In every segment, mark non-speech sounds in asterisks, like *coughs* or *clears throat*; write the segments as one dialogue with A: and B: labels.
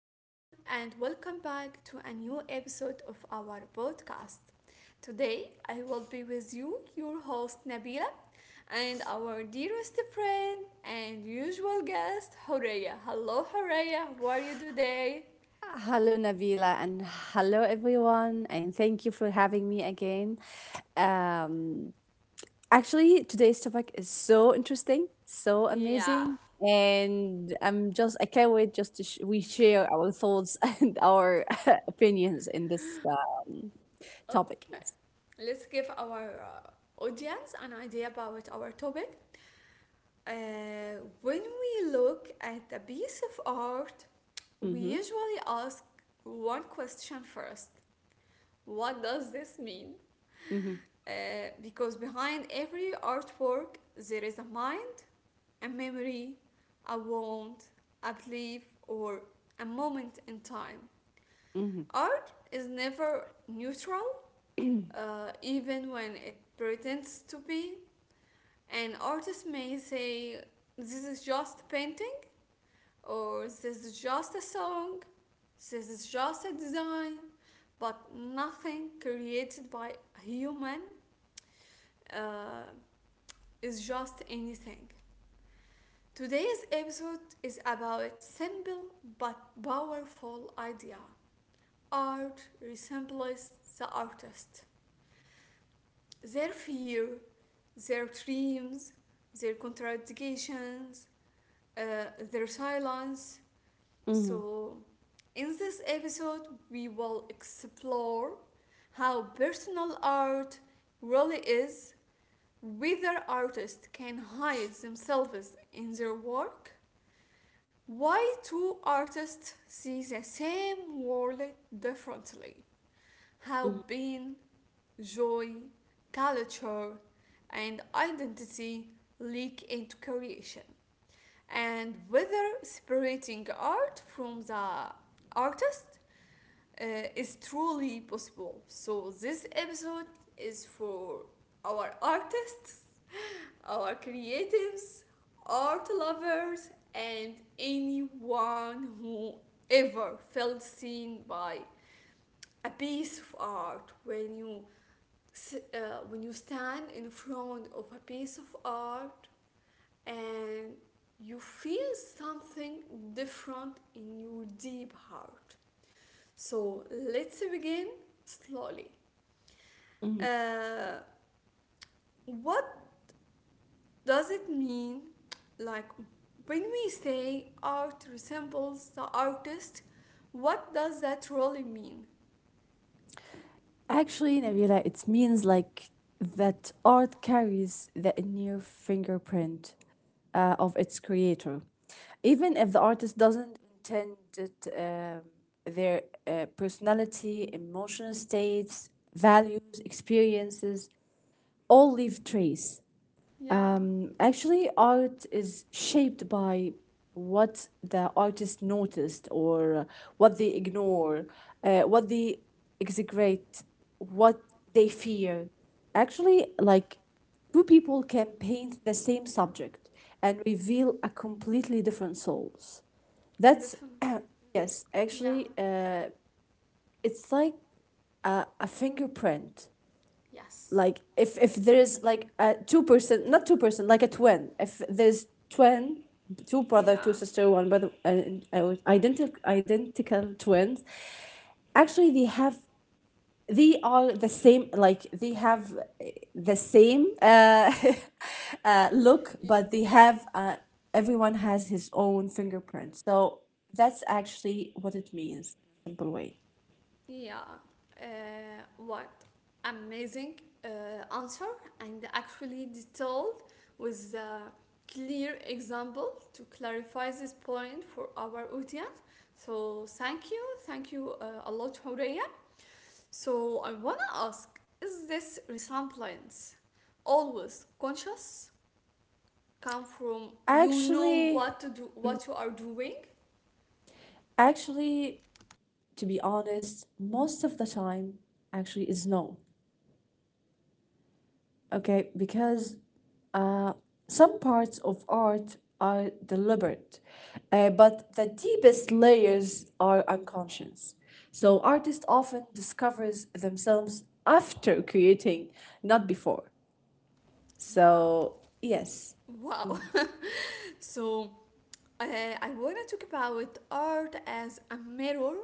A: and welcome back to a new episode of our podcast. Today, I will be with you, your host Nabila, and our dearest friend and usual guest, Horeya. Hello, Horeya, how are you today?
B: Hello, Nabila, and hello, everyone, and thank you for having me again. Um, actually, today's topic is so interesting, so
A: Yeah,
B: amazing, and I can't wait just to sh- we share our thoughts *laughs* and our *laughs* opinions in this topic.
A: okay.
B: Yes.
A: Let's give our audience an idea about our topic. When we look at a piece of art, we
B: Mm-hmm.
A: usually ask one question first. What does this mean?
B: Mm-hmm.
A: Uh, because behind every artwork, there is a mind, a memory, a want, a belief, or a moment in time.
B: Mm-hmm.
A: Art is never neutral, even when it pretends to be. An artist may say, this is just painting or this is just a song, this is just a design, but nothing created by a human uh, is just anything. Today's episode is about simple but powerful idea. Art resembles the artist. Their fear, their dreams, their contradictions, uh, their silence. So,
B: Mm-hmm.
A: in this episode, we will explore how personal art really is, whether artists can hide themselves in their work, why two artists see the same world differently, how
B: Mm-hmm.
A: being, joy, culture, and identity leak into creation, and whether separating art from the artist uh, is truly possible. So, this episode is for our artists, *laughs* our creatives, art lovers, and anyone who ever felt seen by a piece of art when you when you stand in front of a piece of art and you feel something different in your deep heart. So let's begin slowly. Uh, what does it mean? Like when we say art resembles the artist, what does that really mean?
B: Actually, Nabila, it means like that art carries the inner fingerprint of its creator. Even if the artist doesn't intend it, their personality, emotional states, values, experiences all leave trace.
A: Yeah,
B: Actually, art is shaped by what the artist noticed or what they ignore, what they execrate, what they fear. Actually, like two people can paint the same subject and reveal a completely different souls. That's,
A: definitely.
B: *clears throat* yes,
A: Yeah,
B: actually, uh, it's like a fingerprint.
A: yes.
B: Like if there is like a two person, not two person, like a twin. If there's twin, two brother, two
A: Yeah.
B: sister, one brother, and identical twins, actually they have, they are the same, like they have the same *laughs* look, but they have everyone has his own fingerprint. So that's actually what it means in a simple way.
A: Yeah, uh, what amazing answer, and actually detailed with a clear example to clarify this point for our audience. So thank you a lot, Horeya. So I wanna ask: is this resemblance always conscious? Come from you know
B: actually
A: what to do, what you are doing?
B: actually to be honest, most of the time actually is no. Okay, because uh, some parts of art are deliberate, but the deepest layers are unconscious. So artists often discovers themselves after creating, not before.
A: Yeah.
B: So yes,
A: Wow. *laughs* So, uh, I want to talk about art as a mirror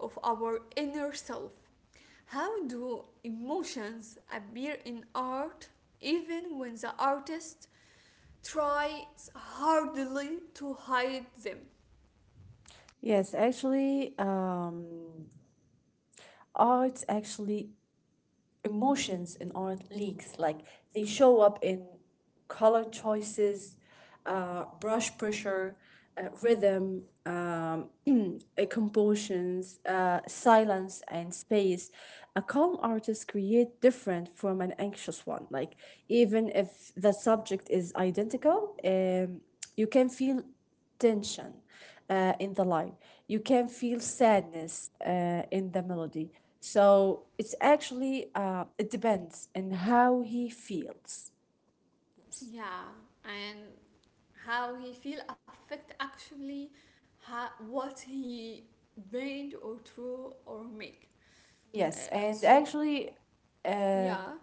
A: of our inner self. How do emotions appear in art even when the artist tries hardly to hide them?
B: yes, actually, art actually, emotions in art leaks. Like they show up in color choices, brush pressure, rhythm, *clears throat* compositions, silence, and space. A calm artist create different from an anxious one. Like even if the subject is identical, you can feel tension in the line. You can feel sadness in the melody. So it's actually it depends on how he feels.
A: Yeah, and how he feel affect actually what he paint or draw or make.
B: Yes,
A: Uh,
B: and
A: so
B: actually, um
A: yeah.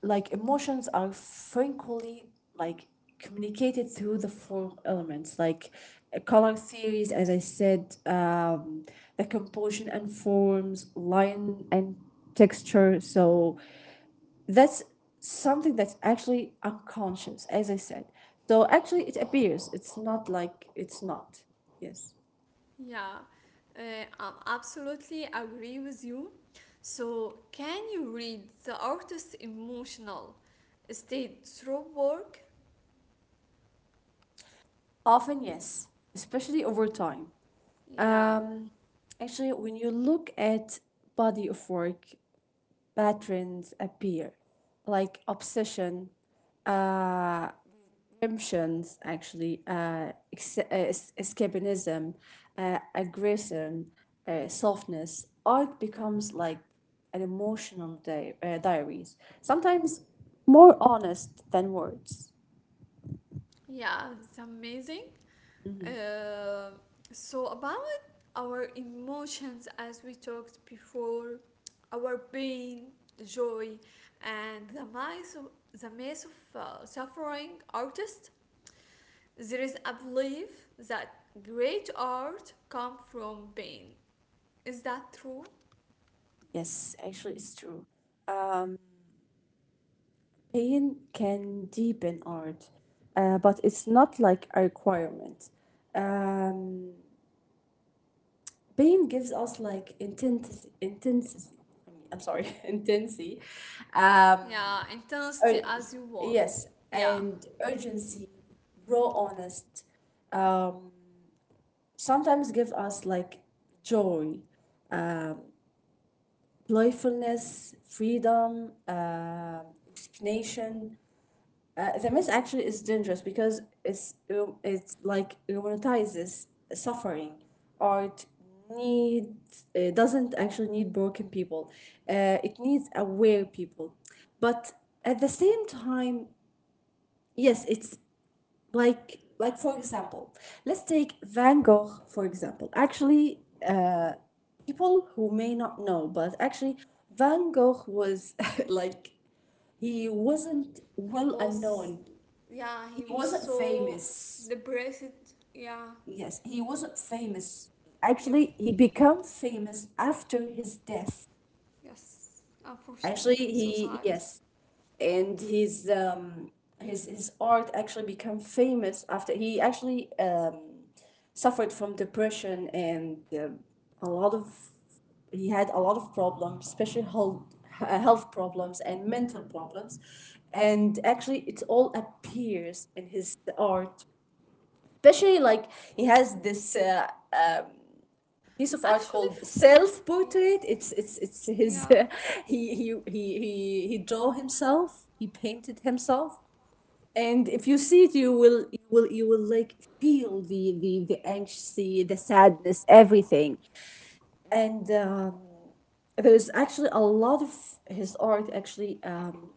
B: like emotions are frequently like communicated through the form elements, like color theories, as I said, the composition and forms, line and texture. So that's something that's actually unconscious, as I said. Though actually it appears, it's not, like it's not. Yes.
A: Yeah, uh, I absolutely agree with you. So, can you read the artist's emotional state through work?
B: Often, yes, especially over time.
A: Yeah,
B: Um, actually, when you look at body of work, patterns appear, like obsession, uh, redemptions, actually, escapism, aggression, softness. Art becomes like an emotional diaries sometimes, more honest than words.
A: yeah, it's amazing. Uh, so, about our emotions, as we talked before, our pain, joy, and the maze of suffering, artist. There is a belief that great art comes from pain. Is that true?
B: Yes, actually it's true. um, pain can deepen art, but it's not like a requirement. um, pain gives us like intensity, I mean, I'm sorry, *laughs* intensity um,
A: Yeah, intensity
B: Ur-
A: as you want.
B: yes,
A: Yeah.
B: and urgency, raw, honest, um, sometimes give us like joy, playfulness, freedom, resignation. The myth actually is dangerous because it's like romanticizes suffering. Art need doesn't actually need broken people. It needs aware people, but at the same time, yes, it's like for example, let's take Van Gogh for example. Actually uh, people who may not know, but actually Van Gogh was *laughs* like he wasn't
A: He
B: well
A: was,
B: known.
A: yeah,
B: He
A: he was
B: wasn't
A: so
B: famous.
A: depressed. Yeah,
B: Yes, he wasn't famous.
A: yep,
B: Actually, he became famous after his death.
A: yes.
B: Actually,
A: Unfortunately, it's so
B: he,
A: sad.
B: yes, and his art actually became famous after he actually suffered from depression and a lot of he had a lot of problems, especially health, health problems and mental problems, and actually it all appears in his art. Especially like he has this piece of art
A: Actually,
B: called
A: f-
B: self
A: yeah,
B: portrait. It's his
A: yeah.
B: *laughs* he draw himself, he painted himself, and if you see it, you will like feel the anxiety, the sadness, everything. And there's actually a lot of his art actually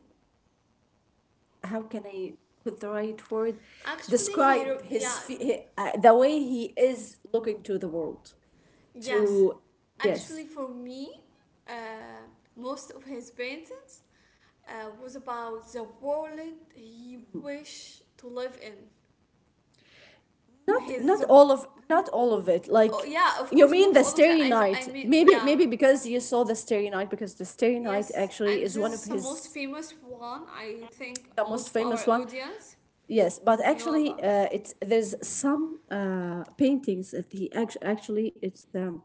B: how can I put the right word — describe his
A: Yeah,
B: the way he is looking to the world.
A: yes.
B: To
A: Actually,
B: Yes.
A: for me, uh, most of his paintings was about the world he wished to live in.
B: not not
A: His, the,
B: all of not all of it, like,
A: oh, yeah, of
B: you
A: course,
B: mean
A: not
B: the
A: all of them.
B: Starry
A: I,
B: Night
A: I mean,
B: maybe, maybe
A: yeah,
B: because you saw the Starry Night, because the Starry Night
A: yes,
B: actually
A: and
B: is
A: this
B: one of
A: is the most
B: his,
A: famous one. I think
B: the most
A: most of
B: famous
A: our
B: one.
A: audience
B: Yes, but
A: know
B: actually,
A: about.
B: it's there's some paintings that he actually, actually it's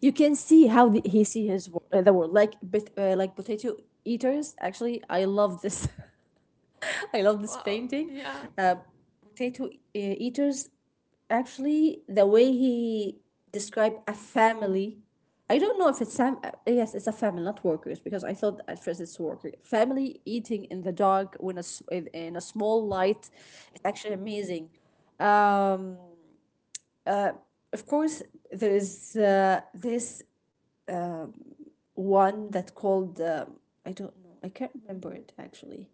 B: you can see how he see the world like bit, like Potato Eaters, actually. I love this, *laughs* *laughs* I love this
A: Wow,
B: painting.
A: yeah,
B: Uh, Eaters, actually, the way he described a family. I don't know if it's sam. Yes, it's a family, not workers, because I thought at first it's worker family eating in the dark when in in a small light. It's actually amazing. Um, uh, of course, there is this one that called I don't know, I can't remember it actually.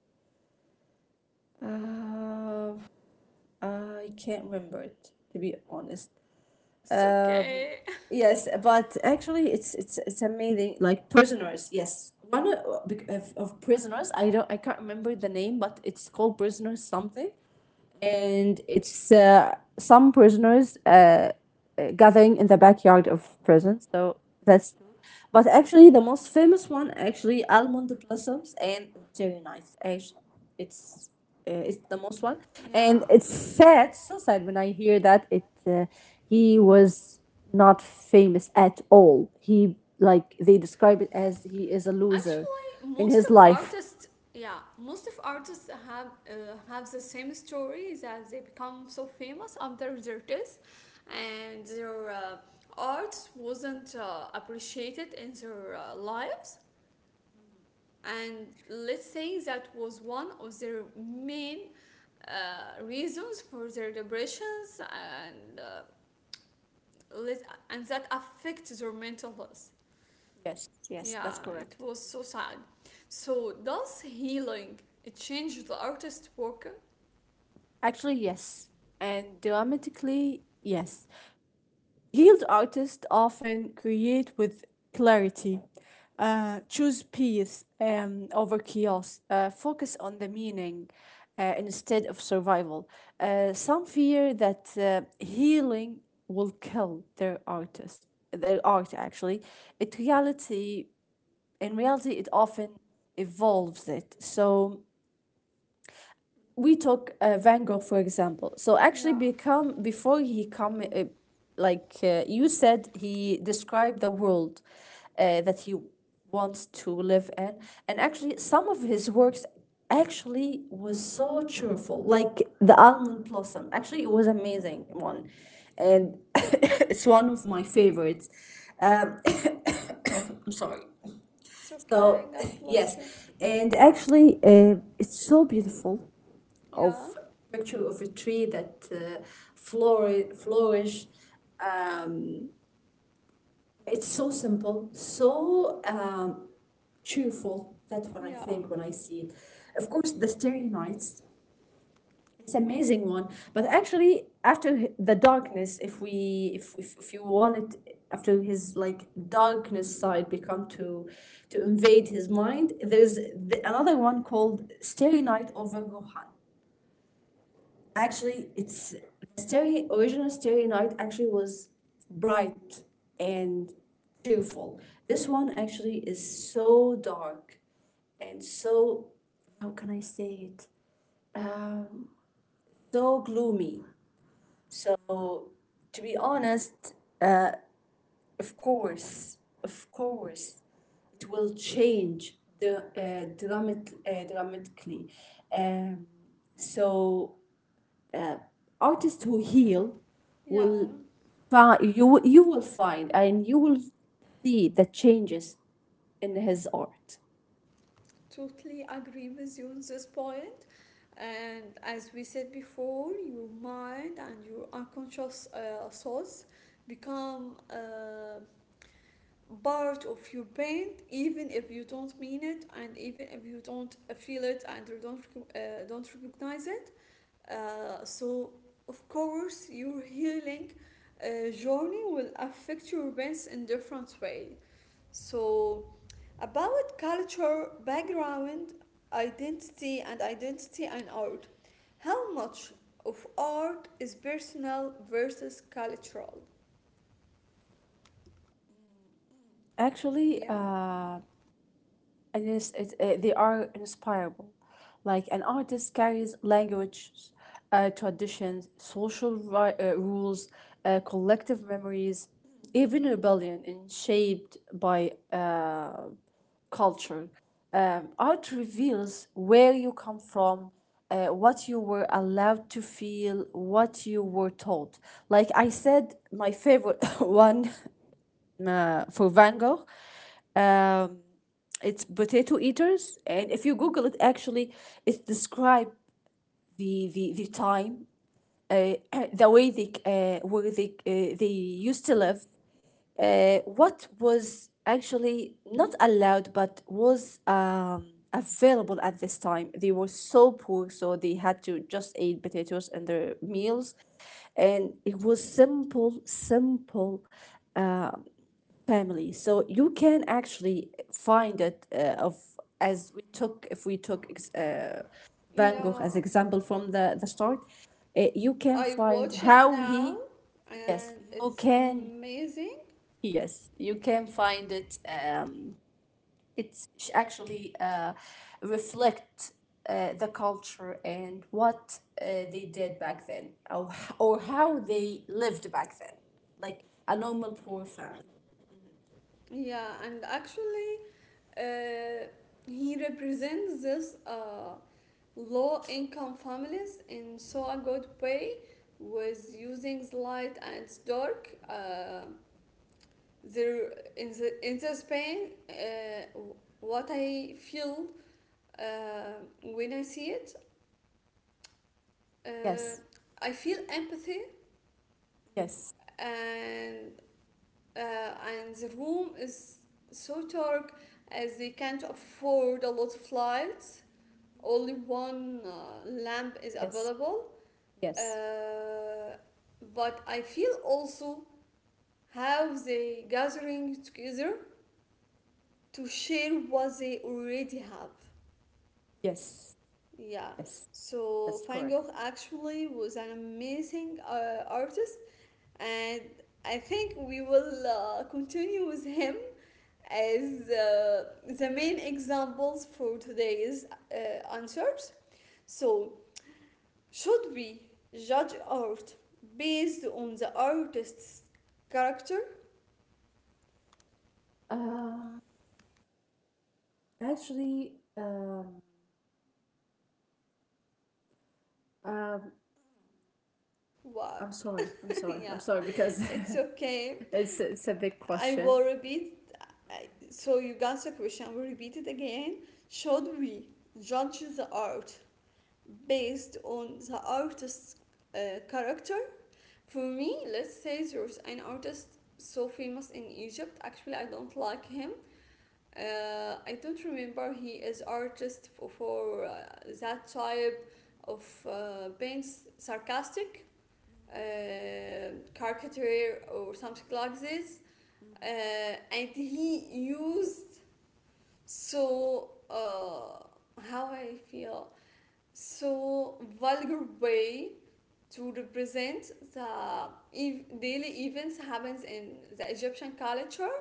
B: Uh, I can't remember it, to be honest.
A: it's
B: Um,
A: okay.
B: yes, but actually, it's
A: *laughs*
B: it's it's amazing. Like Prisoners, yes, one of Prisoners. I don't, I can't remember the name, but it's called Prisoners something, and it's some prisoners gathering in the backyard of prison. So that's true. But actually, the most famous one actually almond blossoms and cherry nights. Actually, it's it's the most one,
A: Yeah.
B: and it's sad, so sad when I hear that it he was not famous at all. He, like they describe it as he is a loser
A: Actually,
B: in
A: most
B: his
A: of
B: life.
A: artists, yeah, most of artists have the same story, that they become so famous after their death, and their art wasn't appreciated in their lives. And let's say that was one of their main reasons for their depressions, and let, and that affects their mental health.
B: Yes, yes, that's
A: Yeah,
B: correct.
A: it was so sad. So does healing it changed the artist work?
B: Actually, yes. And dramatically, yes. Healed artists often create with clarity, choose peace over chaos, focus on the meaning instead of survival. Some fear that healing will kill their artist, their art actually. It reality, in reality, it often evolves it. So we took Van Gogh for example. So actually,
A: Yeah,
B: become before he come, like you said, he described the world that he wants to live in, and actually, some of his works actually was so cheerful, like the almond blossom. Actually, it was amazing one, and *laughs* it's one of my favorites. Um, *coughs* I'm sorry.
A: it's okay.
B: So
A: God
B: *laughs*
A: bless you.
B: yes, and actually, it's so beautiful
A: Yeah,
B: of picture of a tree that flourish. Um, it's so simple, so cheerful. That's what I
A: yeah,
B: think when I see it. Of course, the Starry Nights. It's an amazing one, but actually after the darkness, if we if you want it, after his like darkness side become to invade his mind, there's another one called Starry Night over Rohan. Actually, it's the stereo, original Starry Night actually was bright and cheerful. This one actually is so dark and so, how can I say it? So gloomy. So, to be honest, uh, of course, of course, it will change the dramatically. Um, so artists who heal
A: yeah.
B: will find, you will find, and you will see the changes in his art.
A: Totally agree with you on this point. And as we said before, your mind and your unconscious thoughts become part of your pain, even if you don't mean it and even if you don't feel it and you don't recognize it, so of course your healing journey will affect your brains in different way. So about culture background, identity, and identity and art, how much of art is personal versus cultural?
B: Actually,
A: Yeah,
B: they are inspirable. Like an artist carries language, traditions, social rules, collective memories, even rebellion, and shaped by culture. Art reveals where you come from, what you were allowed to feel, what you were taught. Like I said, my favorite *laughs* one for Van Gogh, um, it's Potato Eaters. And if you Google it, actually, it describes the time uh, *clears throat* the way they where they used to live, what was actually not allowed but was available at this time. They were so poor, so they had to just eat potatoes in their meals, and it was simple, simple family, so you can actually find it of as we took, if we took Van Gogh
A: yeah,
B: as example, from the start, you can
A: I
B: find
A: watch it
B: how
A: now
B: he, yes
A: and
B: you
A: it's
B: can,
A: amazing.
B: yes you can find it, it's actually reflect the culture and what they did back then, or how they lived back then, like a normal poor family.
A: Yeah, and actually, uh, he represents this low income families in so a good way with using light and dark. There in the Spain, what I feel when I see it,
B: Yes,
A: uh, I feel empathy
B: yes,
A: and uh, and the room is so dark, as they can't afford a lot of lights. Only one lamp is
B: yes.
A: available.
B: Yes,
A: Uh, but I feel also how they gathering together to share what they already have.
B: yes,
A: Yeah.
B: yes,
A: So
B: that's
A: Van
B: correct.
A: Gogh actually was an amazing artist, and I think we will continue with him as the main examples for today's answers. So, should we judge art based on the artist's character?
B: Uh, actually, um, um,
A: Wow,
B: I'm sorry, I'm
A: *laughs*
B: sorry, I'm
A: yeah,
B: sorry because
A: it's okay.
B: *laughs* it's a big
A: I
B: question.
A: will repeat. So, you got the question, I will repeat it again. Should we judge the art based on the artist's character? For me, let's say there's an artist so famous in Egypt. Actually, I don't like him. I don't remember he is artist for that type of being sarcastic, uh, caricature or something like this. Uh, and he used so how I feel so vulgar way to represent the daily events happens in the Egyptian culture.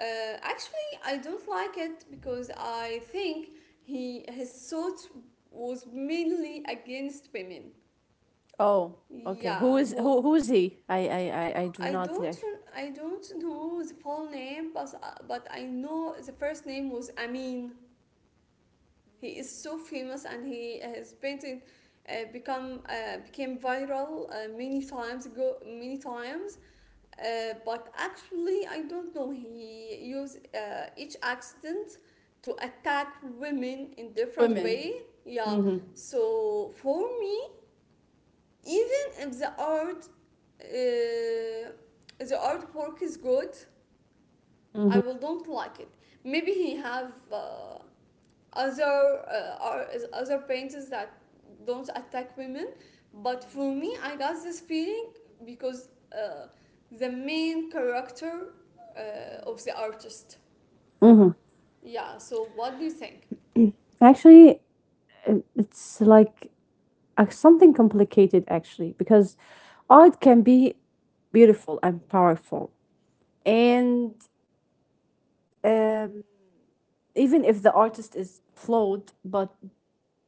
A: Actually, I don't like it because I think he his thought was mainly against women.
B: Oh, okay. Who
A: Yeah,
B: is who?
A: who,
B: Who is he? I do not.
A: I don't know the full name, but I know the first name was Amin. He is so famous and he has painted. Become became viral many times go many times. But actually, I don't know. He used each accident to attack women in different
B: Women.
A: way. Yeah. So for me, even if uh, the artwork is good, I will don't like it. Maybe he have other painters that don't attack women, but for me I got this feeling because uh, the main character of the artist. Yeah, so what do you think?
B: Actually, it's like something complicated, actually, because art can be beautiful and powerful. And um, even if the artist is flawed, but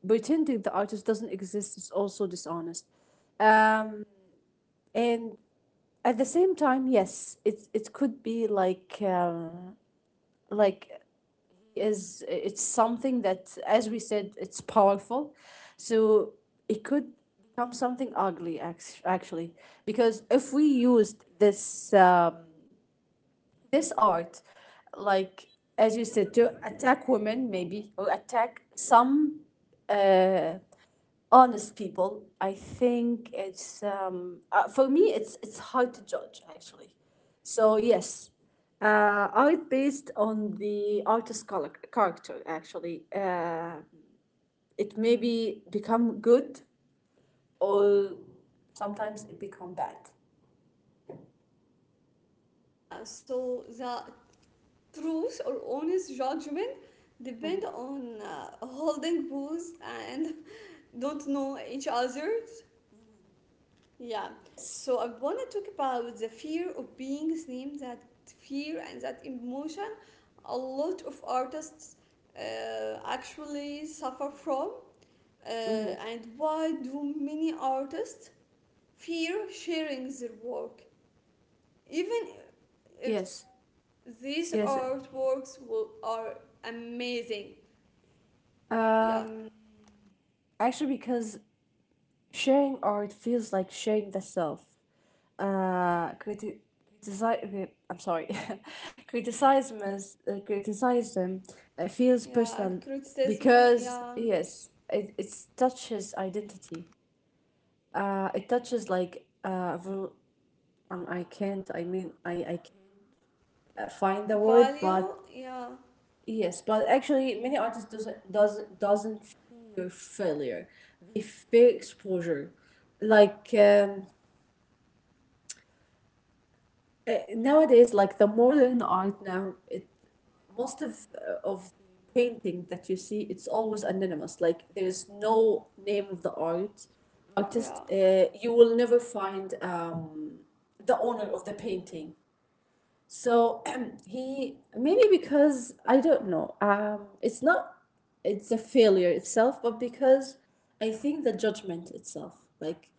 B: pretending the artist doesn't exist is also dishonest. Um, and at the same time, yes, it could be like like, is it's something that, as we said, it's powerful, so it could become something ugly actually, because if we used this art, like as you said, to attack women maybe, or attack some uh, honest people. I think it's for me it's hard to judge actually. So yes, uh, art based on the artist character, actually. It maybe become good, or sometimes it become bad.
A: Yeah, so the truth or honest judgment depend on holding booze and *laughs* don't know each other's. Yeah.
B: Yes.
A: So I want to talk about the fear of being seen, that fear and that emotion a lot of artists actually suffer from. Uh, and why do many artists fear sharing their work? Even if
B: Yes,
A: these
B: yes.
A: artworks will, are amazing. Yeah.
B: Um, Actually, because sharing art feels like sharing the self. Criti- criticize. I'm sorry. *laughs* Criticism feels
A: Yeah.
B: personal
A: Criticism.
B: because
A: Yeah.
B: yes, it touches identity. It touches like I can't. I mean, I can't find the word,
A: Value.
B: but
A: Yeah.
B: yes, but actually, many artists doesn't fear failure. They fear exposure like nowadays, like the modern art now, it most of the painting that you see, it's always anonymous, like there's no name of the art artist
A: Yeah.
B: uh, You will never find the owner of the painting. So *clears throat* he maybe, because I don't know. It's not. It's a failure itself, but because I think the judgment itself, like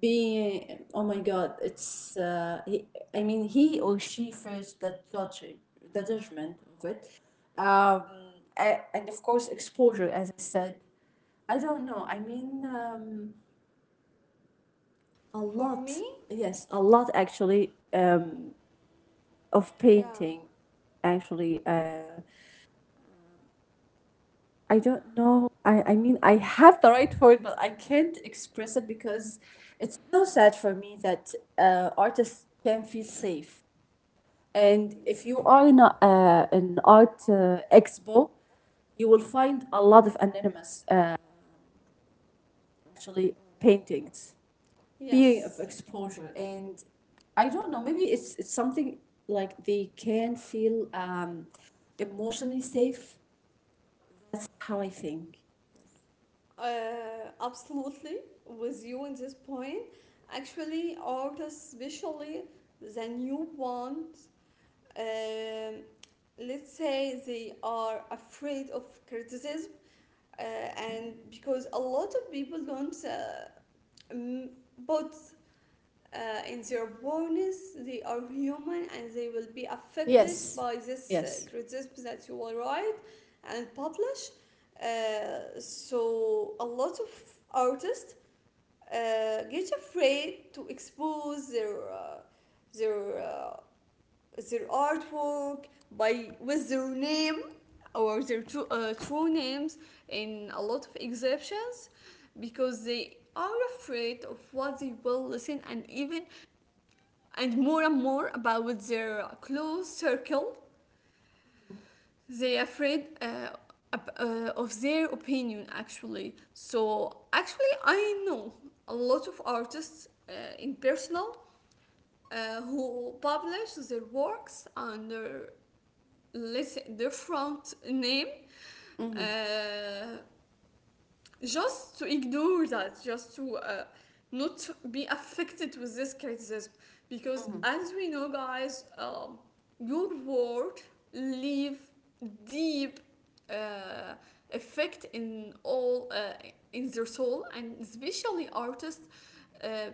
B: being, oh my God, it's. I mean, he or she faced the judging, the judgment of it, um, and of course exposure, as I said. I don't know. I mean, a
A: For
B: lot.
A: me,
B: Yes, a lot actually. Of
A: yeah.
B: painting actually, I don't know. I mean, I have the right for it, but I can't express it because it's so sad for me that artists can feel safe. And if you are in a, an art expo, you will find a lot of anonymous actually paintings, fear of
A: Yes,
B: exposure. And I don't know. Maybe it's something like they can feel emotionally safe. That's how I think.
A: absolutely with you in this point. Actually, art, especially the new ones, um, let's say they are afraid of criticism, and because a lot of people don't m- put in their bonus, they are human and they will be affected
B: Yes,
A: by this
B: yes.
A: criticism that you will write and publish, so a lot of artists get afraid to expose their uh, their artwork by with their name or their true names in a lot of exceptions, because they are afraid of what they will listen and even and more about their close circle. They are afraid of their opinion actually. So actually, I know a lot of artists in personal, who publish their works under, let's say, different name. Uh, just to ignore that, just to not be affected with this criticism. Because as we know, guys, your word leave deep uh, effect in all in their soul, and especially artists. Uh,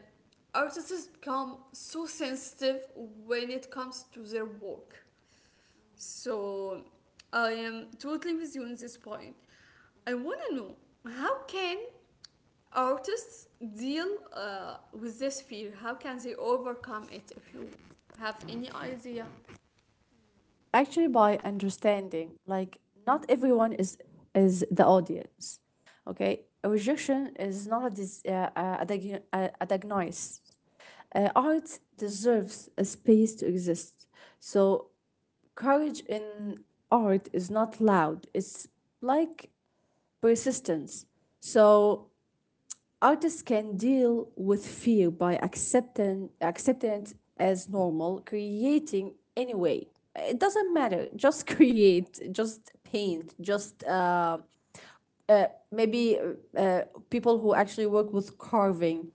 A: Artists become so sensitive when it comes to their work. So I am totally with you on this point. I want to know, how can artists deal with this fear? How can they overcome it? If you have any idea,
B: Actually, by understanding, like not everyone is the audience. Okay, a rejection is not a a diagnosis. Art deserves a space to exist. So courage in art is not loud. It's like persistence. So artists can deal with fear by accepting it as normal, creating anyway. It doesn't matter. *laughs* Just create. Just paint. Just uh, maybe uh, people who actually work with carving,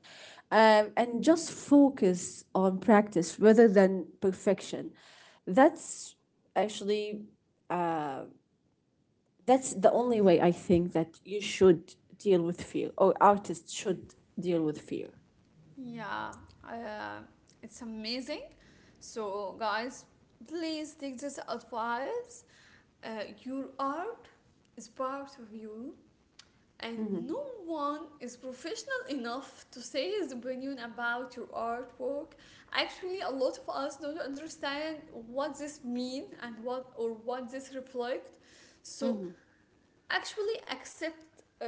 B: and just focus on practice rather than perfection. That's actually, that's the only way I think that you should deal with fear, or artists should deal with fear.
A: yeah, uh, it's amazing. So guys, please take this advice. Uh, your art is part of you, and no one is professional enough to say his opinion about your artwork. Actually a lot of us don't understand what this mean and what or what this reflects. So actually accept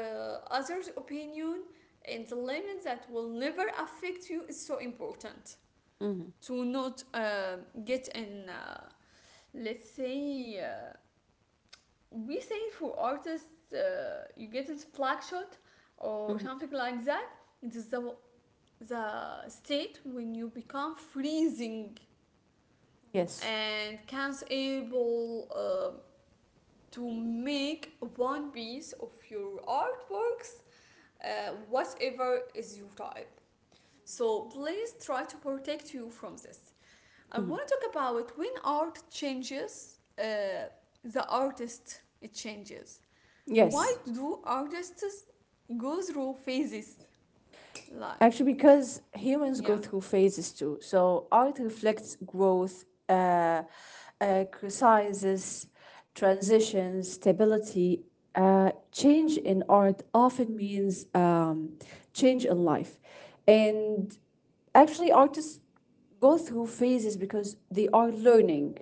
A: others opinion, and the limits that will never affect you is so important, to not get in, let's say, we say for artists, you get it black shot or something like that. It is the state when you become freezing
B: Yes.
A: and can't able to make one piece of your artworks, whatever is your type. So please try to protect you from this. I want to talk about when art changes, the artist it changes. Why
B: Yes,
A: do artists go through phases? Like,
B: actually, because humans
A: yeah,
B: go through phases too. So art reflects growth, crises, transitions, stability. Change in art often means change in life, and actually, artists go through phases because they are learning.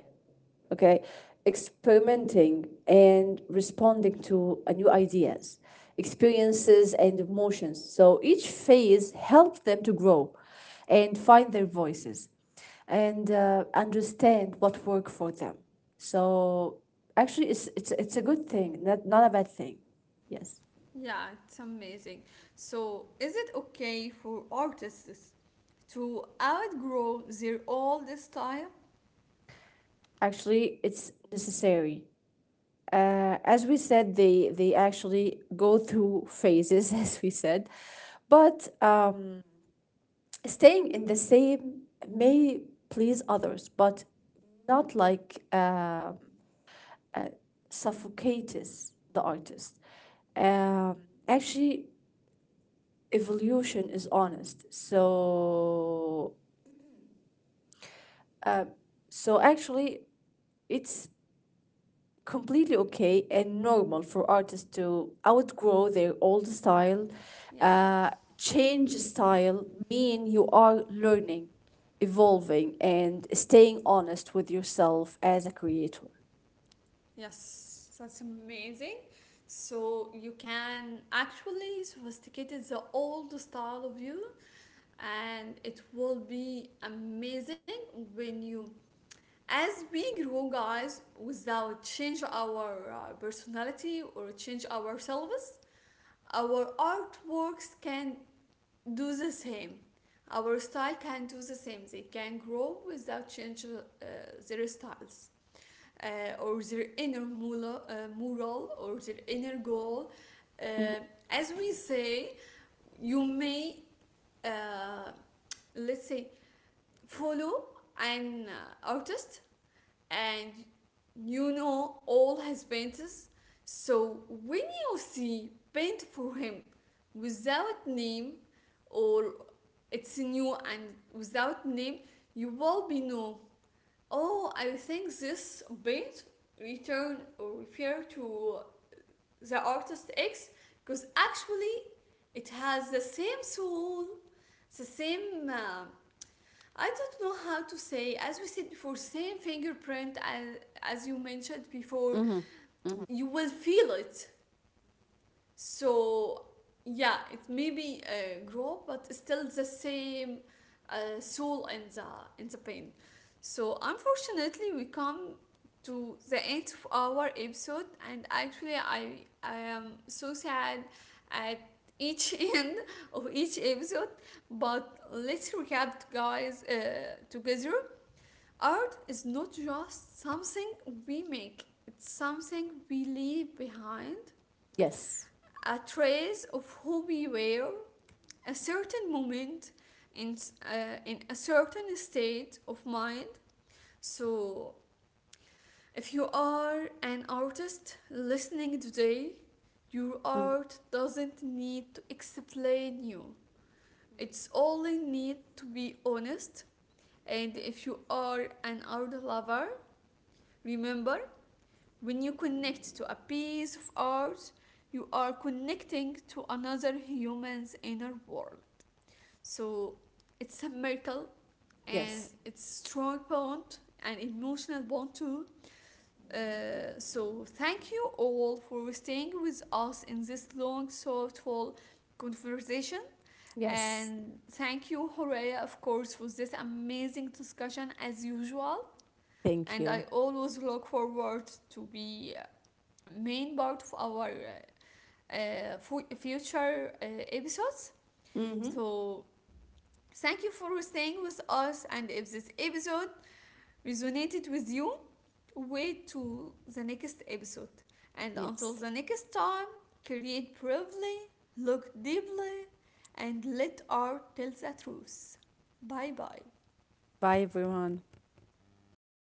B: Okay, experimenting and responding to a new ideas, experiences, and emotions. So each phase helps them to grow and find their voices and understand what works for them. So actually it's a good thing, not, not a bad thing. Yes,
A: yeah, it's amazing. So, is it okay for artists to outgrow their old style?
B: actually it's necessary. Uh, as we said, they actually go through phases *laughs* as we said. But staying in the same may please others, but not like uh, suffocates the artist. Um Actually, evolution is honest. So, uh, so actually, it's completely okay and normal for artists to outgrow their old style,
A: Yeah.
B: uh, change style, mean you are learning, evolving, and staying honest with yourself as a creator.
A: Yes, that's amazing. So you can actually sophisticate the old style of you, and it will be amazing when you, as we grow, guys, without change our personality or change ourselves, our artworks can do the same. Our style can do the same. They can grow without change their styles or their inner moral or their inner goal.
B: Mhm.
A: Uh, as we say, you may, uh, let's say, follow an artist and you know all his paintings. So when you see paint for him without name, or it's new and without name, you will be know, oh, I think this bit return or refer to the artist X, because actually it has the same soul, the same. I don't know how to say. As we said before, same fingerprint as you mentioned before. You will feel it. So yeah, it maybe grow but still the same soul in the pain. So unfortunately we come to the end of our episode, and actually I am so sad at each *laughs* end of each episode. But let's recap, guys, together. Art is not just something we make, it's something we leave behind,
B: Yes,
A: a trace of who we were, a certain moment, in, in a certain state of mind. So, if you are an artist listening today, your
B: mhm.
A: art doesn't need to explain you. It's only need to be honest. And if you are an art lover, remember, when you connect to a piece of art, you are connecting to another human's inner world. So it's a miracle, and
B: Yes.
A: it's strong bond and emotional bond too. So thank you all for staying with us in this long, thoughtful conversation.
B: Yes.
A: And thank you, Horea, of course, for this amazing discussion as usual.
B: Thank
A: And
B: you.
A: I always look forward to be main part of our fu- future episodes.
B: Hmm.
A: So thank you for staying with us, and if this episode resonated with you, wait to the next episode. And until
B: Yes.
A: the next time, create bravely, look deeply, and let art tell the truth. Bye bye.
B: Bye, everyone.